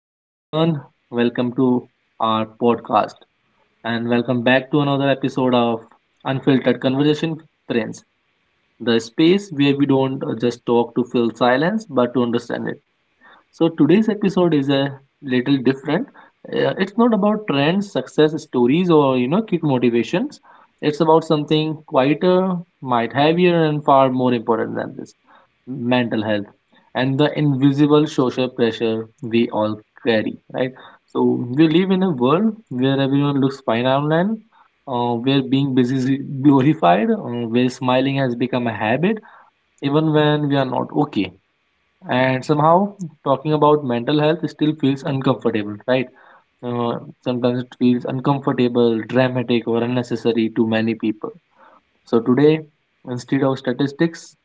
Hello, everyone. Welcome to our podcast and welcome back to another episode of Unfiltered Conversation with Prince, the space where we don't just talk to fill silence but to understand it. So today's episode is a little different. It's not about trends, success stories, or quick motivations. It's about something quieter, might heavier, and far more important than this: mental health and the invisible social pressure we all carry. Right. So we live in a world where everyone looks fine online, where being busy is glorified, where smiling has become a habit, even when we are not okay, and somehow talking about mental health still feels uncomfortable, right? uh, Sometimes it feels uncomfortable, dramatic, or unnecessary to many people. So today, instead of statistics,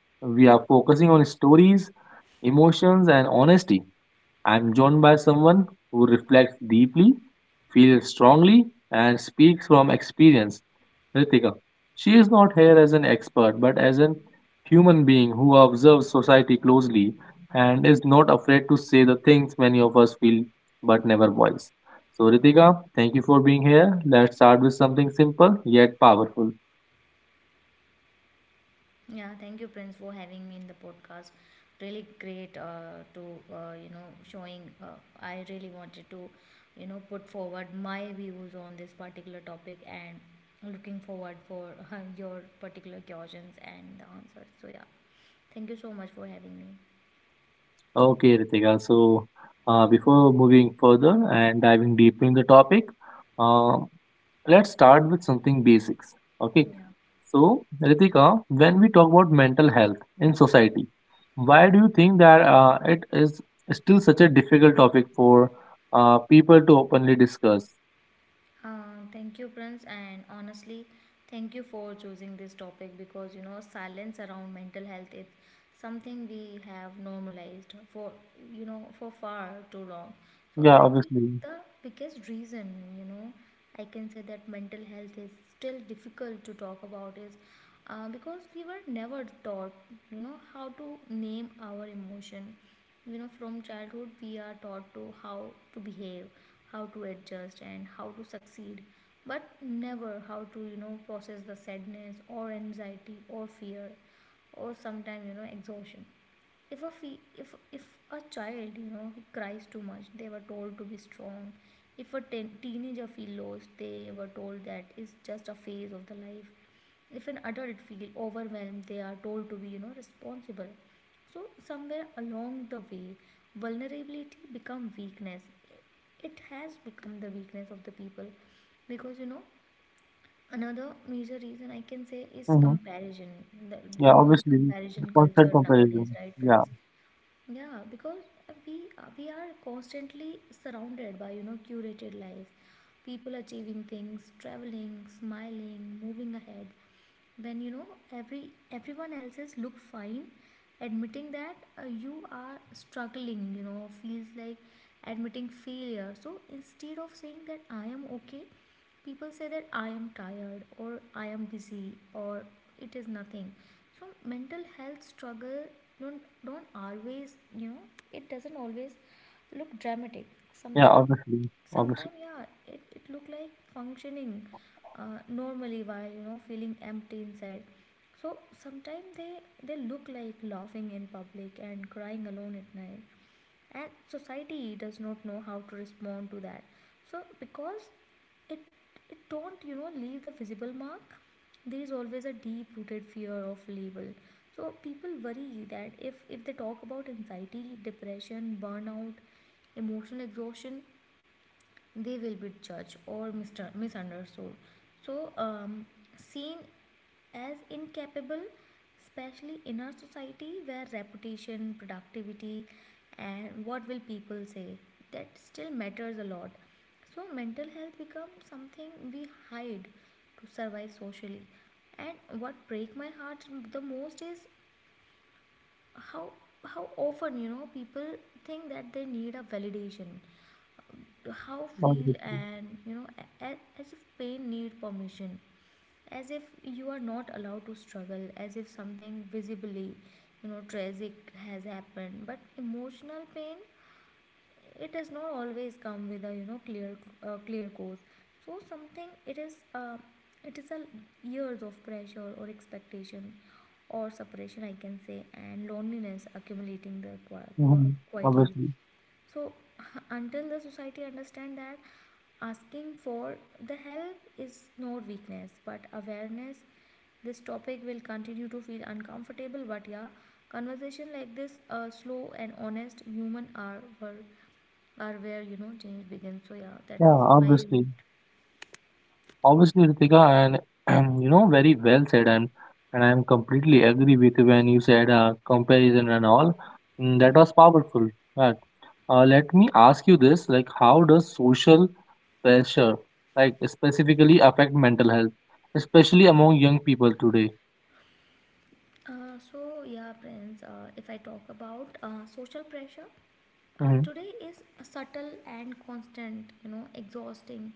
we are focusing on stories, emotions, and honesty. I'm joined by someone who reflects deeply, feels strongly, and speaks from experience. Ritika. She is not here as an expert but as a human being who observes society closely and is not afraid to say the things many of us feel but never voice. So, Ritika, thank you for being here. Let's start with something simple yet powerful. Yeah, thank you, Prince, for having me in the podcast. Really great to, showing. I really wanted to, put forward my views on this particular topic, and looking forward for your particular questions and the answers. So, yeah, thank you so much for having me. Okay, Ritika. So, before moving further and diving deep in the topic, uh, let's start with something basics. Okay. Yeah. So, Ritika, when we talk about mental health in society, why do you think that it is still such a difficult topic for people to openly discuss? Thank you, Prince, and honestly, thank you for choosing this topic, because silence around mental health is something we have normalized for for far too long. So Yeah, I think obviously. the biggest reason, you know I can say, that mental health is still difficult to talk about is because we were never taught how to name our emotion. From childhood we are taught to how to behave, how to adjust, and how to succeed, but never how to process the sadness or anxiety or fear, or sometimes exhaustion. If a child cries too much, they were told to be strong. If a ten teenager feels lost, they were told that it's just a phase of the life. If an adult feel overwhelmed, they are told to be, responsible. So somewhere along the way, vulnerability become weakness. It has become the weakness of the people, because, another major reason I can say is Hmm. comparison. the, Yeah, you know the obviously. The comparison constant culture nowadays, comparison. right, Yeah, Prince? Yeah, because we we are constantly surrounded by, curated lives, people achieving things, traveling, smiling, moving ahead. When, every everyone else's look fine, admitting that you are struggling, feels like admitting failure. So instead of saying that I am okay, people say that I am tired, or I am busy, or it is nothing. So mental health struggle don't always, it doesn't always look dramatic yeah, sometimes. obviously. Obviously. Sometimes, yeah, it look like functioning normally, while feeling empty inside. So sometimes they look like laughing in public and crying alone at night, and society does not know how to respond to that. So because it it don't, leave the visible mark. There is always a deep rooted fear of label. So people worry that if they talk about anxiety, depression, burnout, emotional exhaustion, they will be judged or misunderstood. So, seen as incapable, especially in our society where reputation, productivity, and what will people say, that still matters a lot. So, mental health becomes something we hide to survive socially. And what break my heart the most is how often, people think that they need a validation how feel, Obviously. and, as if pain need permission, as if you are not allowed to struggle, as if something visibly, tragic has happened. But emotional pain, it does not always come with a, clear cause. So something, uh, it is a years of pressure or expectation or separation, I can say, and loneliness accumulating there Hmm. Quietly. Obviously. So until the society understand that asking for the help is not weakness but awareness, this topic will continue to feel uncomfortable. But yeah, conversation like this, slow and honest, human, are where change begins. So yeah, that's Yeah, my view. obviously. Obviously, Ritika, and you know, very well said, and I'm completely agree with you when you said comparison and all. Mm, that Yeah. was powerful. But let me ask you this: like, how does social pressure, like specifically, affect mental health, especially among young people today? So yeah, friends. If I talk about social pressure, Mm-hmm. today is subtle and constant. You know, exhausting.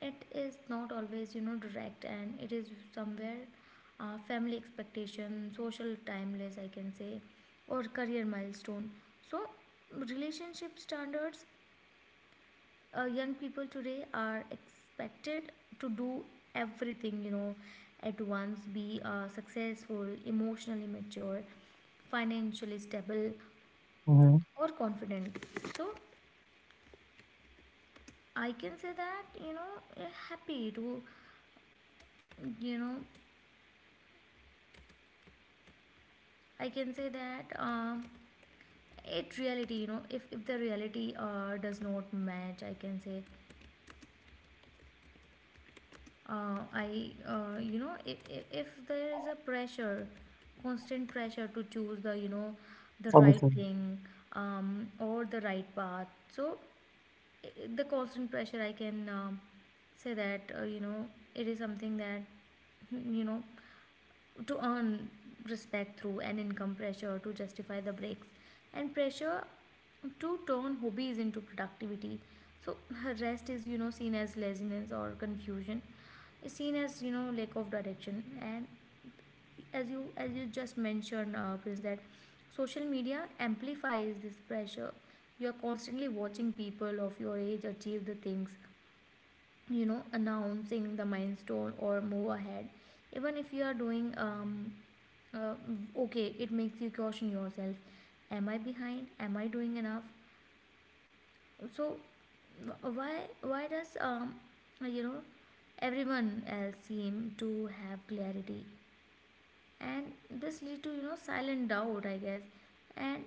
It is not always, direct, and it is somewhere, family expectation, social timeless, I can say, or career milestone. So, relationship standards, young people today are expected to do everything, at once, be successful, emotionally mature, financially stable, Mm-hmm. or confident. So I can say that, happy to, you know I can say that, it reality, if the reality does not match, I can say, if there is a pressure, constant pressure to choose the right Obviously, thing, or the right path. So the constant pressure, I can, say that, it is something that, you know, to earn respect through an income, pressure to justify the breaks, and pressure to turn hobbies into productivity. So rest is, seen as laziness or confusion, is seen as, lack of direction. And as you just mentioned, is that social media amplifies this pressure. You are constantly watching people of your age achieve the things, announcing the milestone or move ahead. Even if you are doing uh, okay, it makes you question yourself: am I behind, am I doing enough? So wh- why why does, you know everyone else seem to have clarity? And this lead to, silent doubt, I guess. And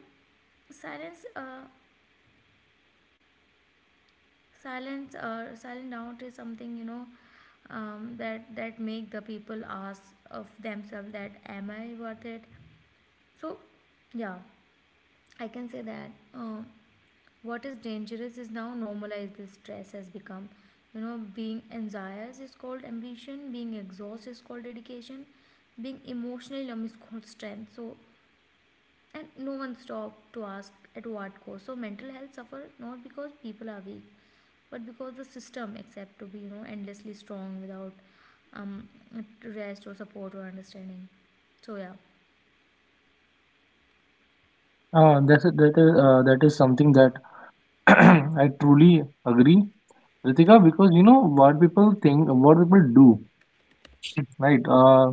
silence silence silent doubt is something, that make the people ask of themselves: that am I worth it? So yeah, I can say that what is dangerous is now normalized. This stress has become, being anxious is called ambition, being exhausted is called dedication, being emotionally numb is called strength. So, and no one stop to ask, at what cost? So mental health suffer, not because people are weak, but because the system accept to be, endlessly strong without um rest or support or understanding. So yeah. that is something that I truly agree, Ritika, because you know what people think, what people do, right? Uh,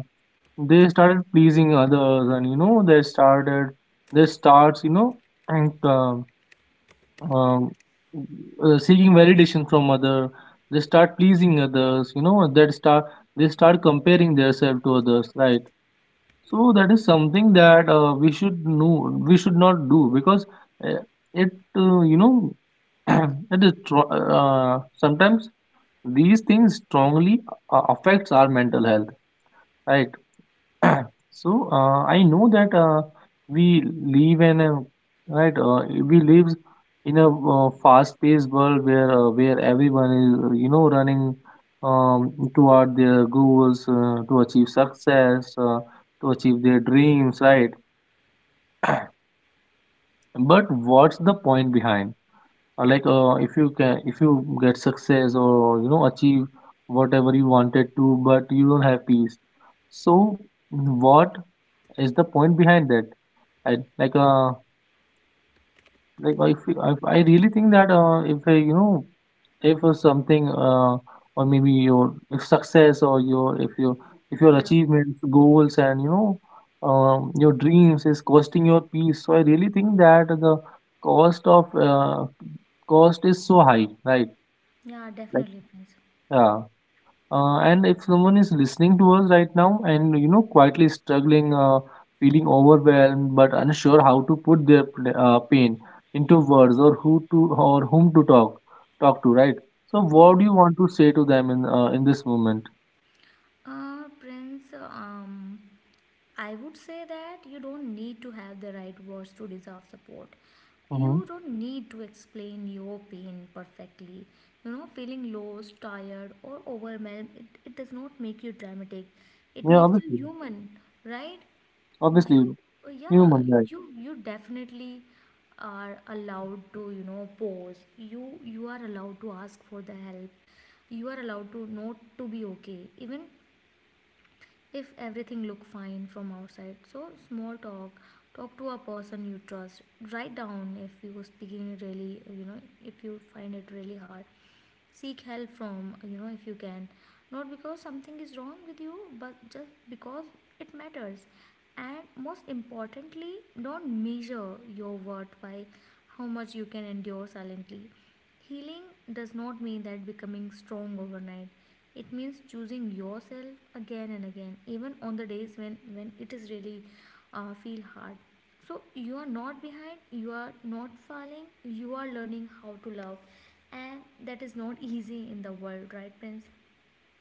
they started pleasing others and you know they started they starts you know and um, seeking validation from other. They start pleasing others, you know, that start they start comparing themselves to others, right? So that is something that we should know we should not do because uh, it you know, sometimes these things strongly affects our mental health, right? So I know that we live in a right. We live in a fast-paced world where everyone is you know running toward their goals, to achieve success, to achieve their dreams, right? But what's the point behind? If you can if you get success or you know achieve whatever you wanted to, but you don't have peace. So what is the point behind that? I like uh I really think that if you know, if something or maybe your if success or your if your if your Yeah. achievements, goals, and you know your dreams is costing your peace, so I really think that the cost of uh cost is so high, right? Yeah, Like, definitely, Prince. yeah. And if someone is listening to us right now and you know quietly struggling, feeling overwhelmed but unsure how to put their pain into words or who to or whom to talk to, right? So what do you want to say to them in this moment? uh prince um I would say that you don't need to have the right words to deserve support. You Hmm. don't need to explain your pain perfectly. Feeling lost, tired, or overwhelmed, it does not make you dramatic, it Yeah, makes you obviously, human, right? obviously, You, yeah, human, right? you definitely are allowed to, pause. You are allowed to ask for the help. You are allowed to not to be okay, even if everything look fine from outside. So small talk, talk to a person you trust. Write down if you were speaking really, if you find it really hard, seek help from, if you can, not because something is wrong with you, but just because it matters. And most importantly, don't measure your worth by how much you can endure silently. Healing does not mean that becoming strong overnight. It means choosing yourself again and again, even on the days when it is really, feel hard. So you are not behind, you are not falling, you are learning how to love. And that is not easy in the world, right, friends?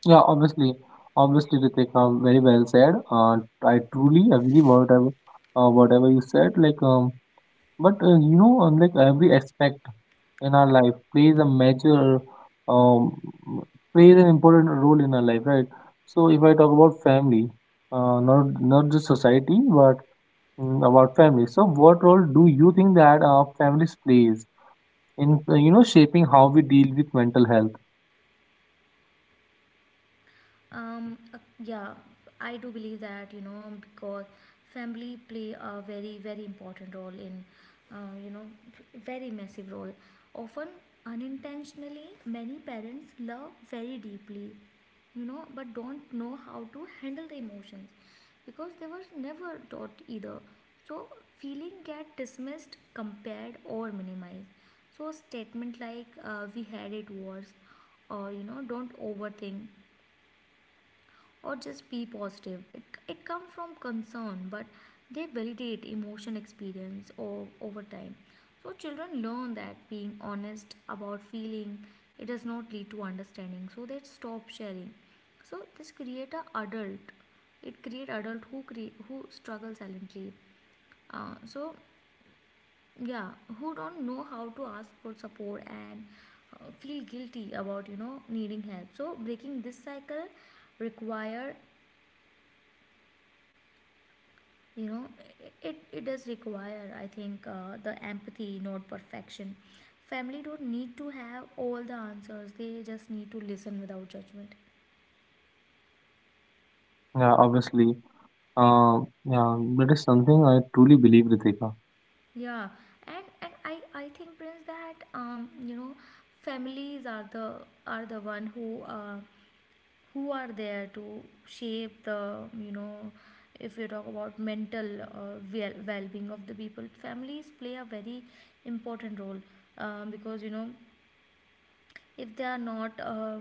Yeah, obviously, obviously, Ritik, very well said. I truly agree whatever whatever you said. But you know, like every aspect in our life plays a major, um, plays an important role in our life, right? So if I talk about family, not just society, but mm, about family. So what role do you think that our families plays in you know shaping how we deal with mental health? Yeah, I do believe that, because family play a very, very important role in, uh, you know, very massive role. Often unintentionally, many parents love very deeply, but don't know how to handle the emotions, because they were never taught either. So feeling get dismissed, compared, or minimized. So a statement like, "we had it worse," or, "don't overthink," or just be positive. It comes from concern, but they validate emotion experience over time. So children learn that being honest about feeling, it does not lead to understanding, so they stop sharing. So this create a adult. It create adult who struggle silently. So yeah, who don't know how to ask for support, and feel guilty about, needing help. So breaking this cycle require you know it, it does require, I think the empathy, not perfection. Family don't need to have all the answers, they just need to listen without judgment. Yeah, obviously, yeah, that is something I truly believe, Ritika. Yeah, and I think, Prince, that families are the one who, who are there to shape the, if you talk about mental, well-being of the people, families play a very important role. Because, if they are not,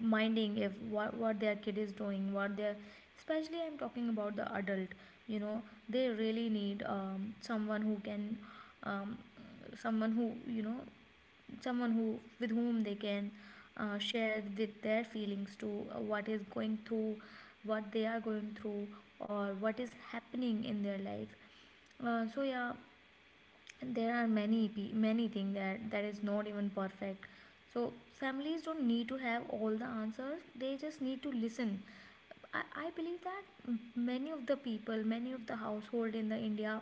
minding if what their kid is doing, what their, especially I'm talking about the adult, you know, they really need, someone who can, um, someone who, someone who with whom they can, share with their feelings to, what they are going through or what is happening in their life. So yeah, there are many many things that that is not even perfect. So families don't need to have all the answers, they just need to listen. I believe that many of the people, many of the household in the India,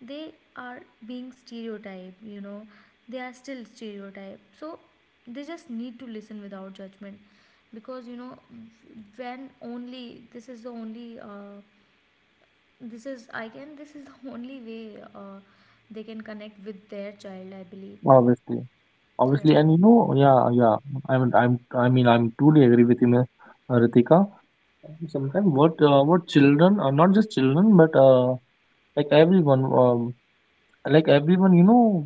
they are being stereotyped, you know, they are still stereotyped. So they just need to listen without judgment, because, you know, when only, this is the only this is I can this is the only way they can connect with their child, I believe. Obviously. So Obviously, and you know, yeah, yeah. I mean, I mean, I'm totally agree with you, Ms. Ritika. Sometimes what children, not just children, but like everyone, um, like everyone, you know,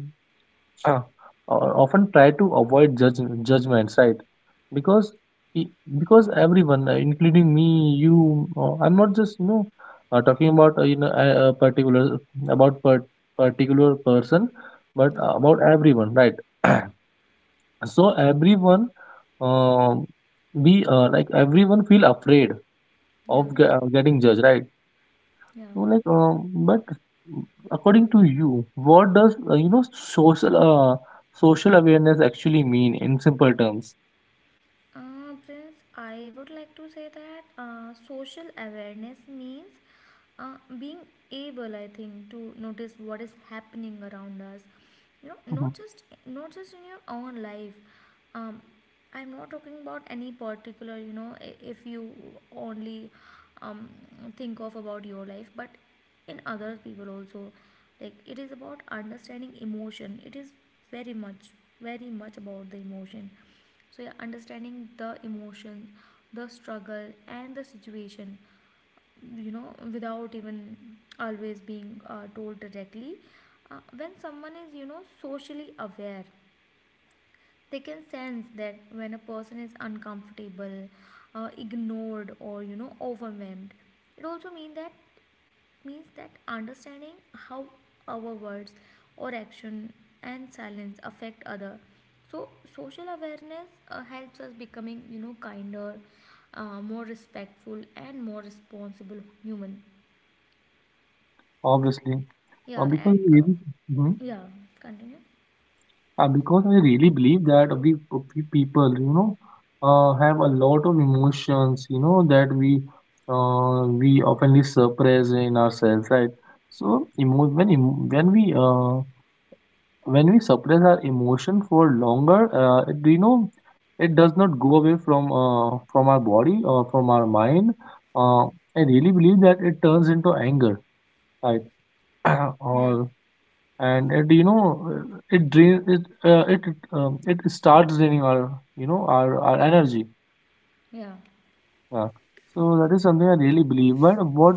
uh, often try to avoid judge judgments, right? Because, i- because everyone, including me, you, I'm not just, you know, talking about you know a particular about per particular person, but yeah about everyone, right? So everyone um be like everyone feel afraid of getting judged, right? yeah. So but according to you, what does you know social social awareness actually mean in simple terms? Prince, I would like to say that social awareness means being able, I think, to notice what is happening around us, you know, Mhm. Not just in your own life. um, I'm not talking about any particular, you know, if you only, um, think of about your life, but in other people also. Like, it is about understanding emotion. It is very much very much about the emotion. So yeah, understanding the emotion, the struggle and the situation, you know, without even always being, told directly. Uh, when someone is, you know, socially aware, they can sense that when a person is uncomfortable, ignored, or, you know, overwhelmed. It also means that understanding how our words or action and silence affect other. So social awareness, helps us becoming, you know, kinder, more respectful, and more responsible human. Obviously. Yeah, Because and yeah, continue. because I really believe that we people, you know, have a lot of emotions, you know, that we oftenly suppress in ourselves, right? So, when we suppress our emotion for longer, it, you know, it does not go away from our body or from our mind. Uh, I really believe that it turns into anger, right? Yeah. Or and it you know it drain it it it, it starts draining our, you know, our energy, Yeah. yeah. So that is something I really believe. But what,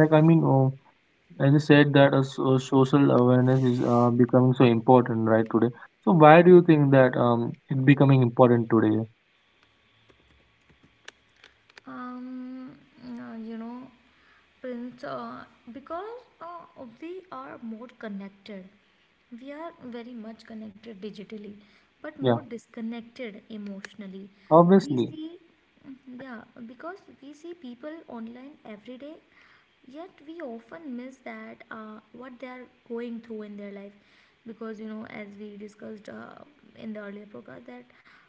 like i mean uh, as you said that social awareness is becoming so important right today, so why do you think that it's becoming important today? Um, you know, Prince, because uh, we are more connected. We are very much connected digitally, but more Yeah, disconnected emotionally. We obviously. see, yeah, because we see people online every day, yet we often miss that what they are going through in their life. Because, you know, as we discussed, in the earlier podcast, that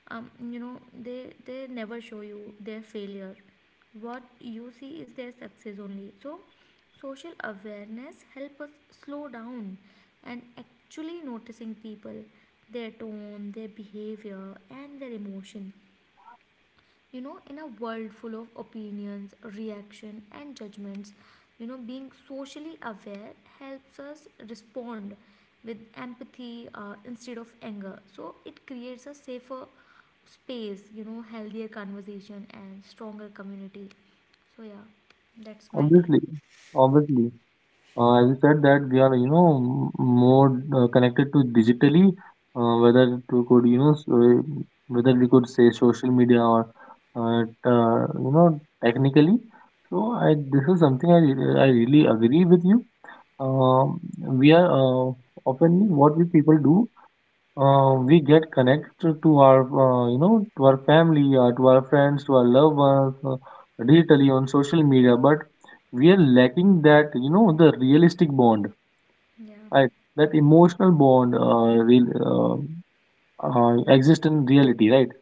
you know, they never show you their failure. What you see is their success only. So social awareness help us slow down and actually noticing people, their tone, their behavior, and their emotion. You know, in a world full of opinions, reaction, and judgments, you know, being socially aware helps us respond with empathy, instead of anger. So it creates a safer space, you know, healthier conversation, and stronger community. So yeah, that's my take. Obviously. Obviously. As you said that we are you know more connected to digitally, whether to could you know s- whether we could say social media or you know technically, so I, this is something I, I really agree with you. Um, we are often what we people do, we get connected to our you know to our family, to our friends, to our loved ones, digitally on social media, but we are lacking that you know the realistic bond, Yeah, right? That emotional bond, exist in reality, right?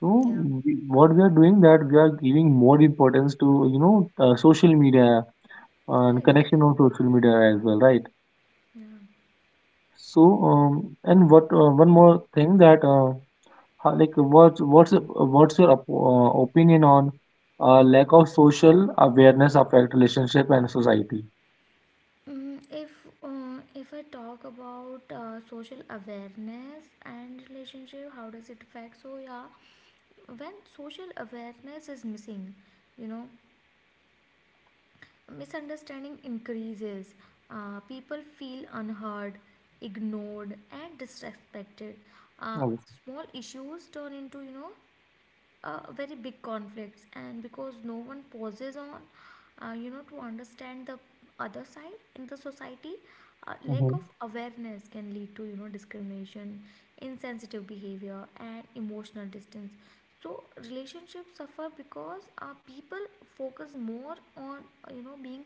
So yeah, we, what we are doing, that we are giving more importance to you know social media yeah, and exactly, connection on social media as well, right? yeah. So and what one more thing that How- like what's what's what's your opinion on lack of social awareness affect relationship and society? If I talk about social awareness and relationship, how does it affect? So yeah, when social awareness is missing, you know, misunderstanding increases. People feel unheard, ignored, and disrespected. uh, Obviously. Small issues turn into, you know, very big conflicts, and because no one pauses on, you know, to understand the other side. In the society, lack Mhm. of awareness can lead to, you know, discrimination, insensitive behavior, and emotional distance. So relationships suffer because, people focus more on, you know, being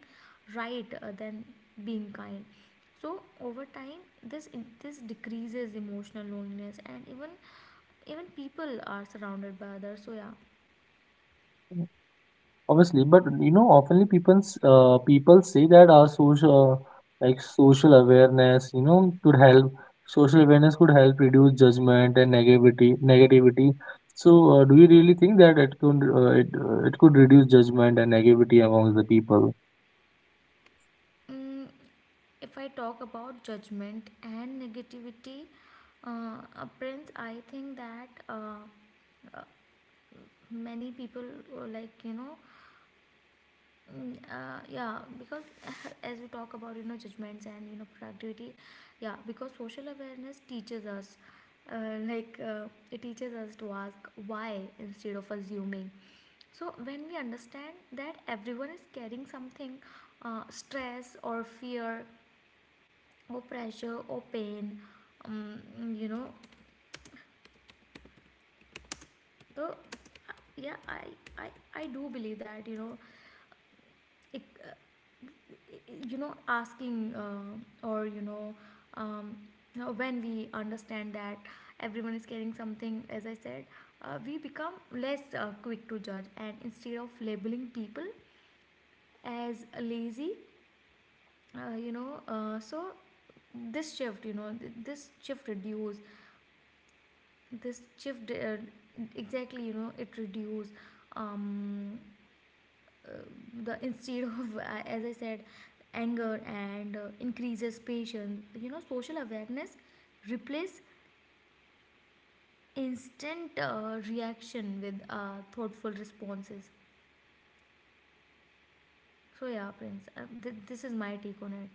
right, than being kind. So over time, this decreases emotional loneliness, and even people are surrounded by others. So yeah. Obviously. But you know oftenly people people say that our social, like social awareness you know could help, reduce judgment and negativity. So do you really think that it could it could reduce judgment and negativity among the people? Mm, if i talk about judgment and negativity, Prince, I think that, uh, many people, uh, like you know yeah, because as we talk about, you know, judgments and, you know, productivity. Yeah, because social awareness teaches us, it teaches us to ask why, instead of assuming. So when we understand that everyone is carrying something, stress or fear or pressure or pain, um, you know so yeah, I, I I do believe that, you know, it, you know asking or um, you know, when we understand that everyone is carrying something, as I said, we become less quick to judge, and instead of labeling people as lazy, so this shift, you know, th- this shift reduce this shift exactly you know it reduce um, uh, the instead of as I said, anger, and increases patience. You know, social awareness replace instant reaction with thoughtful responses. So yeah, Prince, this is my take on it.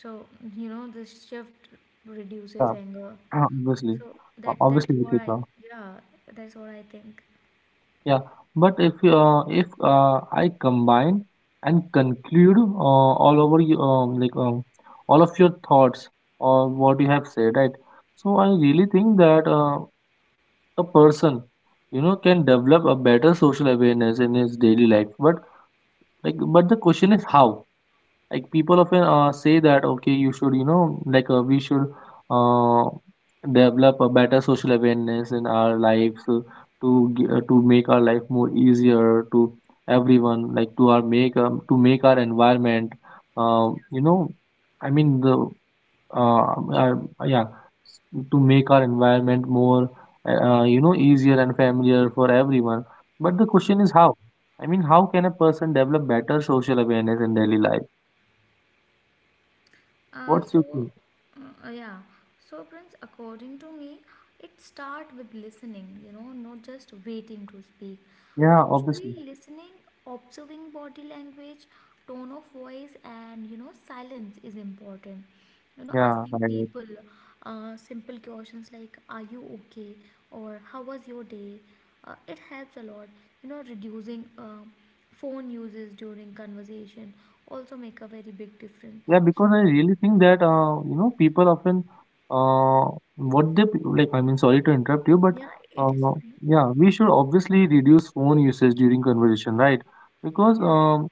So you know, this shift reduces Yeah. anger. Obviously. So that's Obviously, what I Ritika. yeah that's what I think. Yeah, but if I combine and conclude all over you, all of your thoughts or what you have said, right? So I really think that a person, you know, can develop a better social awareness in his daily life. But like, but the question is how? Like, people often say that okay you should you know we should uh, develop a better social awareness in our lives, to to make our life more easier to everyone, like to our make to make our environment you know I mean the uh, uh, yeah, s- to make our environment more you know easier and familiar for everyone, but the Yeah. question is how. I mean, how can a person develop better social awareness in daily life? Uh, What's your so, take? Yeah. So, Prince, according to me, it start with listening, you know, not just waiting to speak, Yeah, but obviously. truly listening, observing body language, tone of voice, and, you know, silence is important. You know, Yeah, asking right. people, simple questions like, "Are you okay?" or "How was your day?" It helps a lot, you know, reducing. Phone uses during conversation also make a very big difference. Yeah, So because I really think that you know, people often like. I mean, sorry to interrupt you, but yeah, uh, it is fine. yeah, we should obviously reduce phone usage during conversation, right? Because Yeah,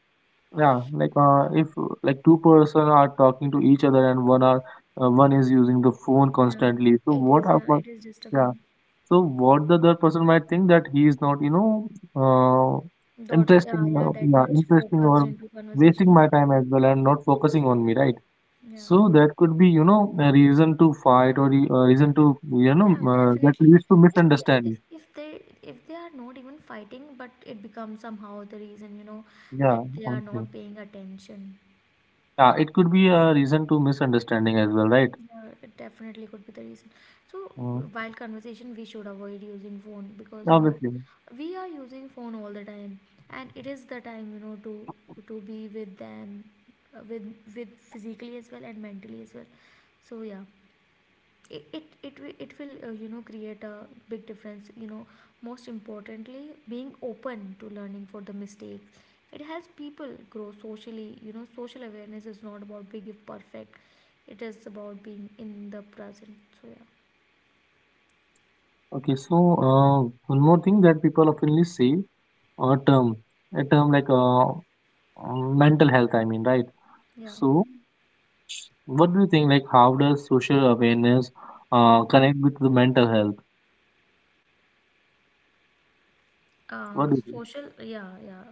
yeah, if like two-person are talking to each other and one are one is using the phone yeah, constantly, so it what is. Yeah, about? it is disturbing. So what the other person might think, that he is not, you know, uh, Dot. Yeah, interesting, yeah, that yeah, much interesting focused or into wasting conversation. my time as well, and not focusing on me, right? Yeah, yeah, So that could be, you know, a reason to fight or a reason to, you know, yeah, that definitely. leads to Yeah, if misunderstanding. if if they if they are not even fighting, but it becomes somehow the reason, you know, Yeah, that they are okay. not paying attention. Yeah, it could be a reason to misunderstanding as well, right? Yeah, it definitely could be the reason. So Mm, while conversation, we should avoid using phone, because you know, obviously. we are using phone all the time, and it is the time, you know, to be with them, uh, with with physically as well and mentally as well. So yeah, it will, you know, create a big difference. You know, most importantly, being open to learning for the mistakes, it helps people grow socially. You know, social awareness is not about being perfect, it is about being in the present. So yeah. Okay, so one more thing that people oftenly say, a term, a term like mental health, I mean, right? Yeah, So what do you think? Like, how does social awareness yeah, connect with the mental health? What uh do you think? social yeah yeah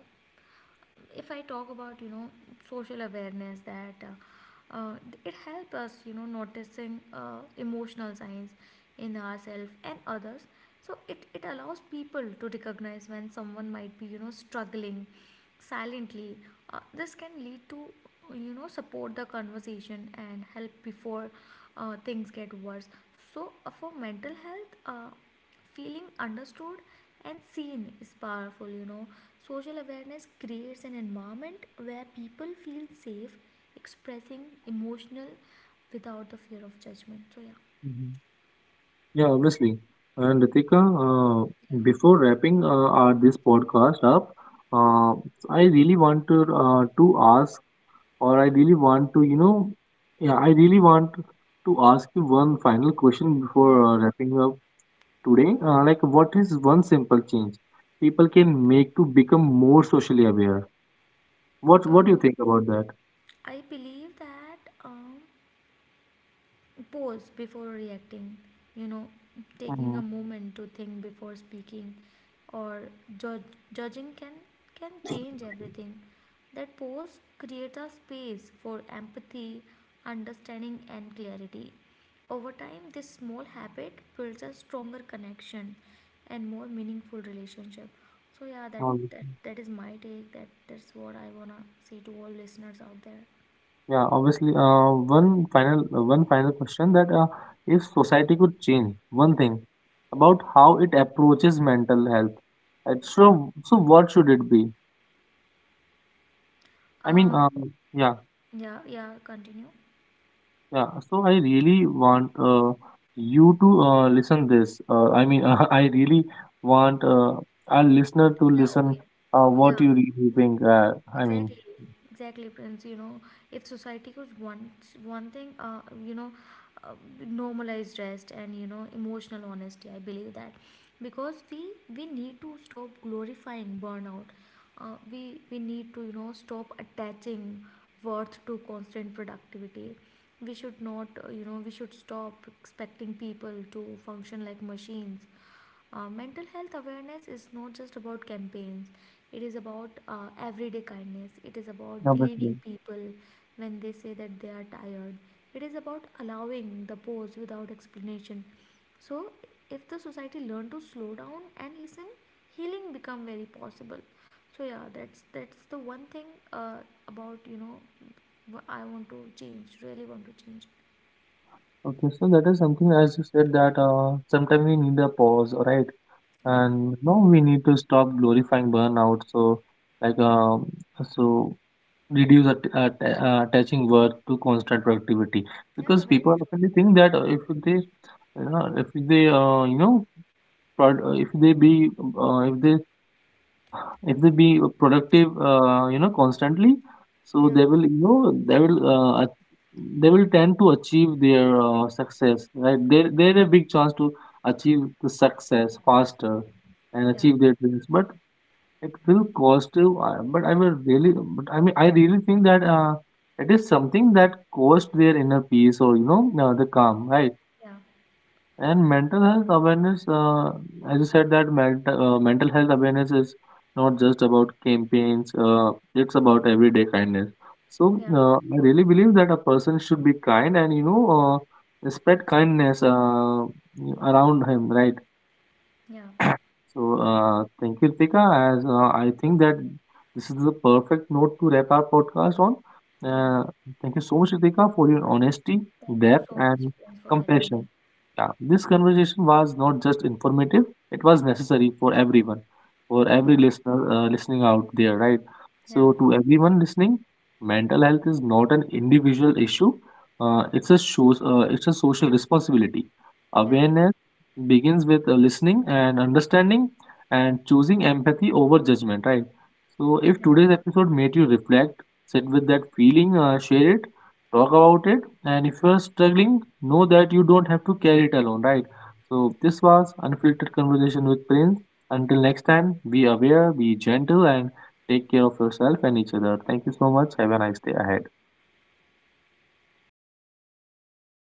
if I talk about, you know, social awareness, that it helps us, you know, noticing, emotional signs in ourselves and others. So it allows people to recognize when someone might be, you know, struggling silently. This can lead to, you know, support, the conversation, and help before, things get worse. So, for mental health, feeling understood and seen is powerful. You know, social awareness creates an environment where people feel safe expressing emotional without the fear of judgment. So yeah. Mhm. Yeah, obviously. And Ritika, uh, Yeah, before wrapping our, this podcast up, uh, I really want to ask, or I really want to, you know, yeah, I really want to ask you one final question before yeah. Sure. Wrapping up today. Like, what is one simple change people can make to become more socially aware? What do you um, think about I believe that, pause before reacting, you know, taking a that? moment to think before speaking or judge, judging, can change everything. That pause creates a space for empathy, understanding, and clarity. Over time, this small habit builds a stronger connection and more meaningful relationship. So yeah, Obviously. that is my take. That's what I wanna say to all listeners out there. Yeah, obviously. One final question that if society could change one thing about how it approaches mental health, so so what should it be? I mean, Um yeah, yeah, yeah, continue. yeah. So I really want you to listen this. I mean, I really want our listener to Yeah, listen okay. Yeah, what you really think. I mean, exactly. Exactly, Prince. You know, if society could want one thing, you know, uh, normalize rest and, you know, emotional honesty, I believe that. Because we need to stop glorifying burnout. We we need to, you know, stop attaching worth to constant productivity. We should not, we should stop expecting people to function like machines. Uh, mental health awareness is not just about campaigns, it is about everyday kindness. It is about obviously. believing people when they say that they are tired. It is about allowing the pause without explanation. So, if the society learn to slow down and listen, healing become very possible. So yeah, that's the one thing, uh, about, you know, I want to change. Really want to change. Okay, so that is something as you said that sometimes we need a pause, right? Yeah, And now we need to stop glorifying burnout. So like um so reduce attaching work to constant productivity, because people often think that if they you know if they you know prod, uh, if they if they be productive you know constantly, so yeah, they will you know they will they will tend to achieve their success, right? There a big chance to achieve the success faster and yeah, achieve their dreams, but it will cost you, but I mean I really think that it is something that cost their inner peace or you know the calm, right? yeah, And mental health awareness, as you said, that mental health awareness is not just about campaigns. It's about everyday kindness. So yeah, I really believe that a person should be kind and you know spread kindness around him, right? yeah, So thank you, Tika. As I think that this is the perfect note to wrap our podcast on. yeah. Uh, Thank you so much, Ritika, for your honesty, Thank you depth, so much, and Prince, for having compassion. me. Yeah, this conversation was not just informative, it was necessary for everyone, for every Yeah, listener listening out there, right? yeah, So, to everyone listening, mental health is not an individual issue, it's a social responsibility. yeah, it is. Awareness begins with listening and understanding and choosing empathy over judgment, right? So, if Yeah. today's episode made you reflect, sit with that feeling, share it, talk about it, and if you are struggling, know that you don't have to carry it alone, right? So this was Unfiltered Conversation with Prince. Until next time, be aware, be gentle, and take care of yourself and each other. Thank you so much. Have a nice day ahead.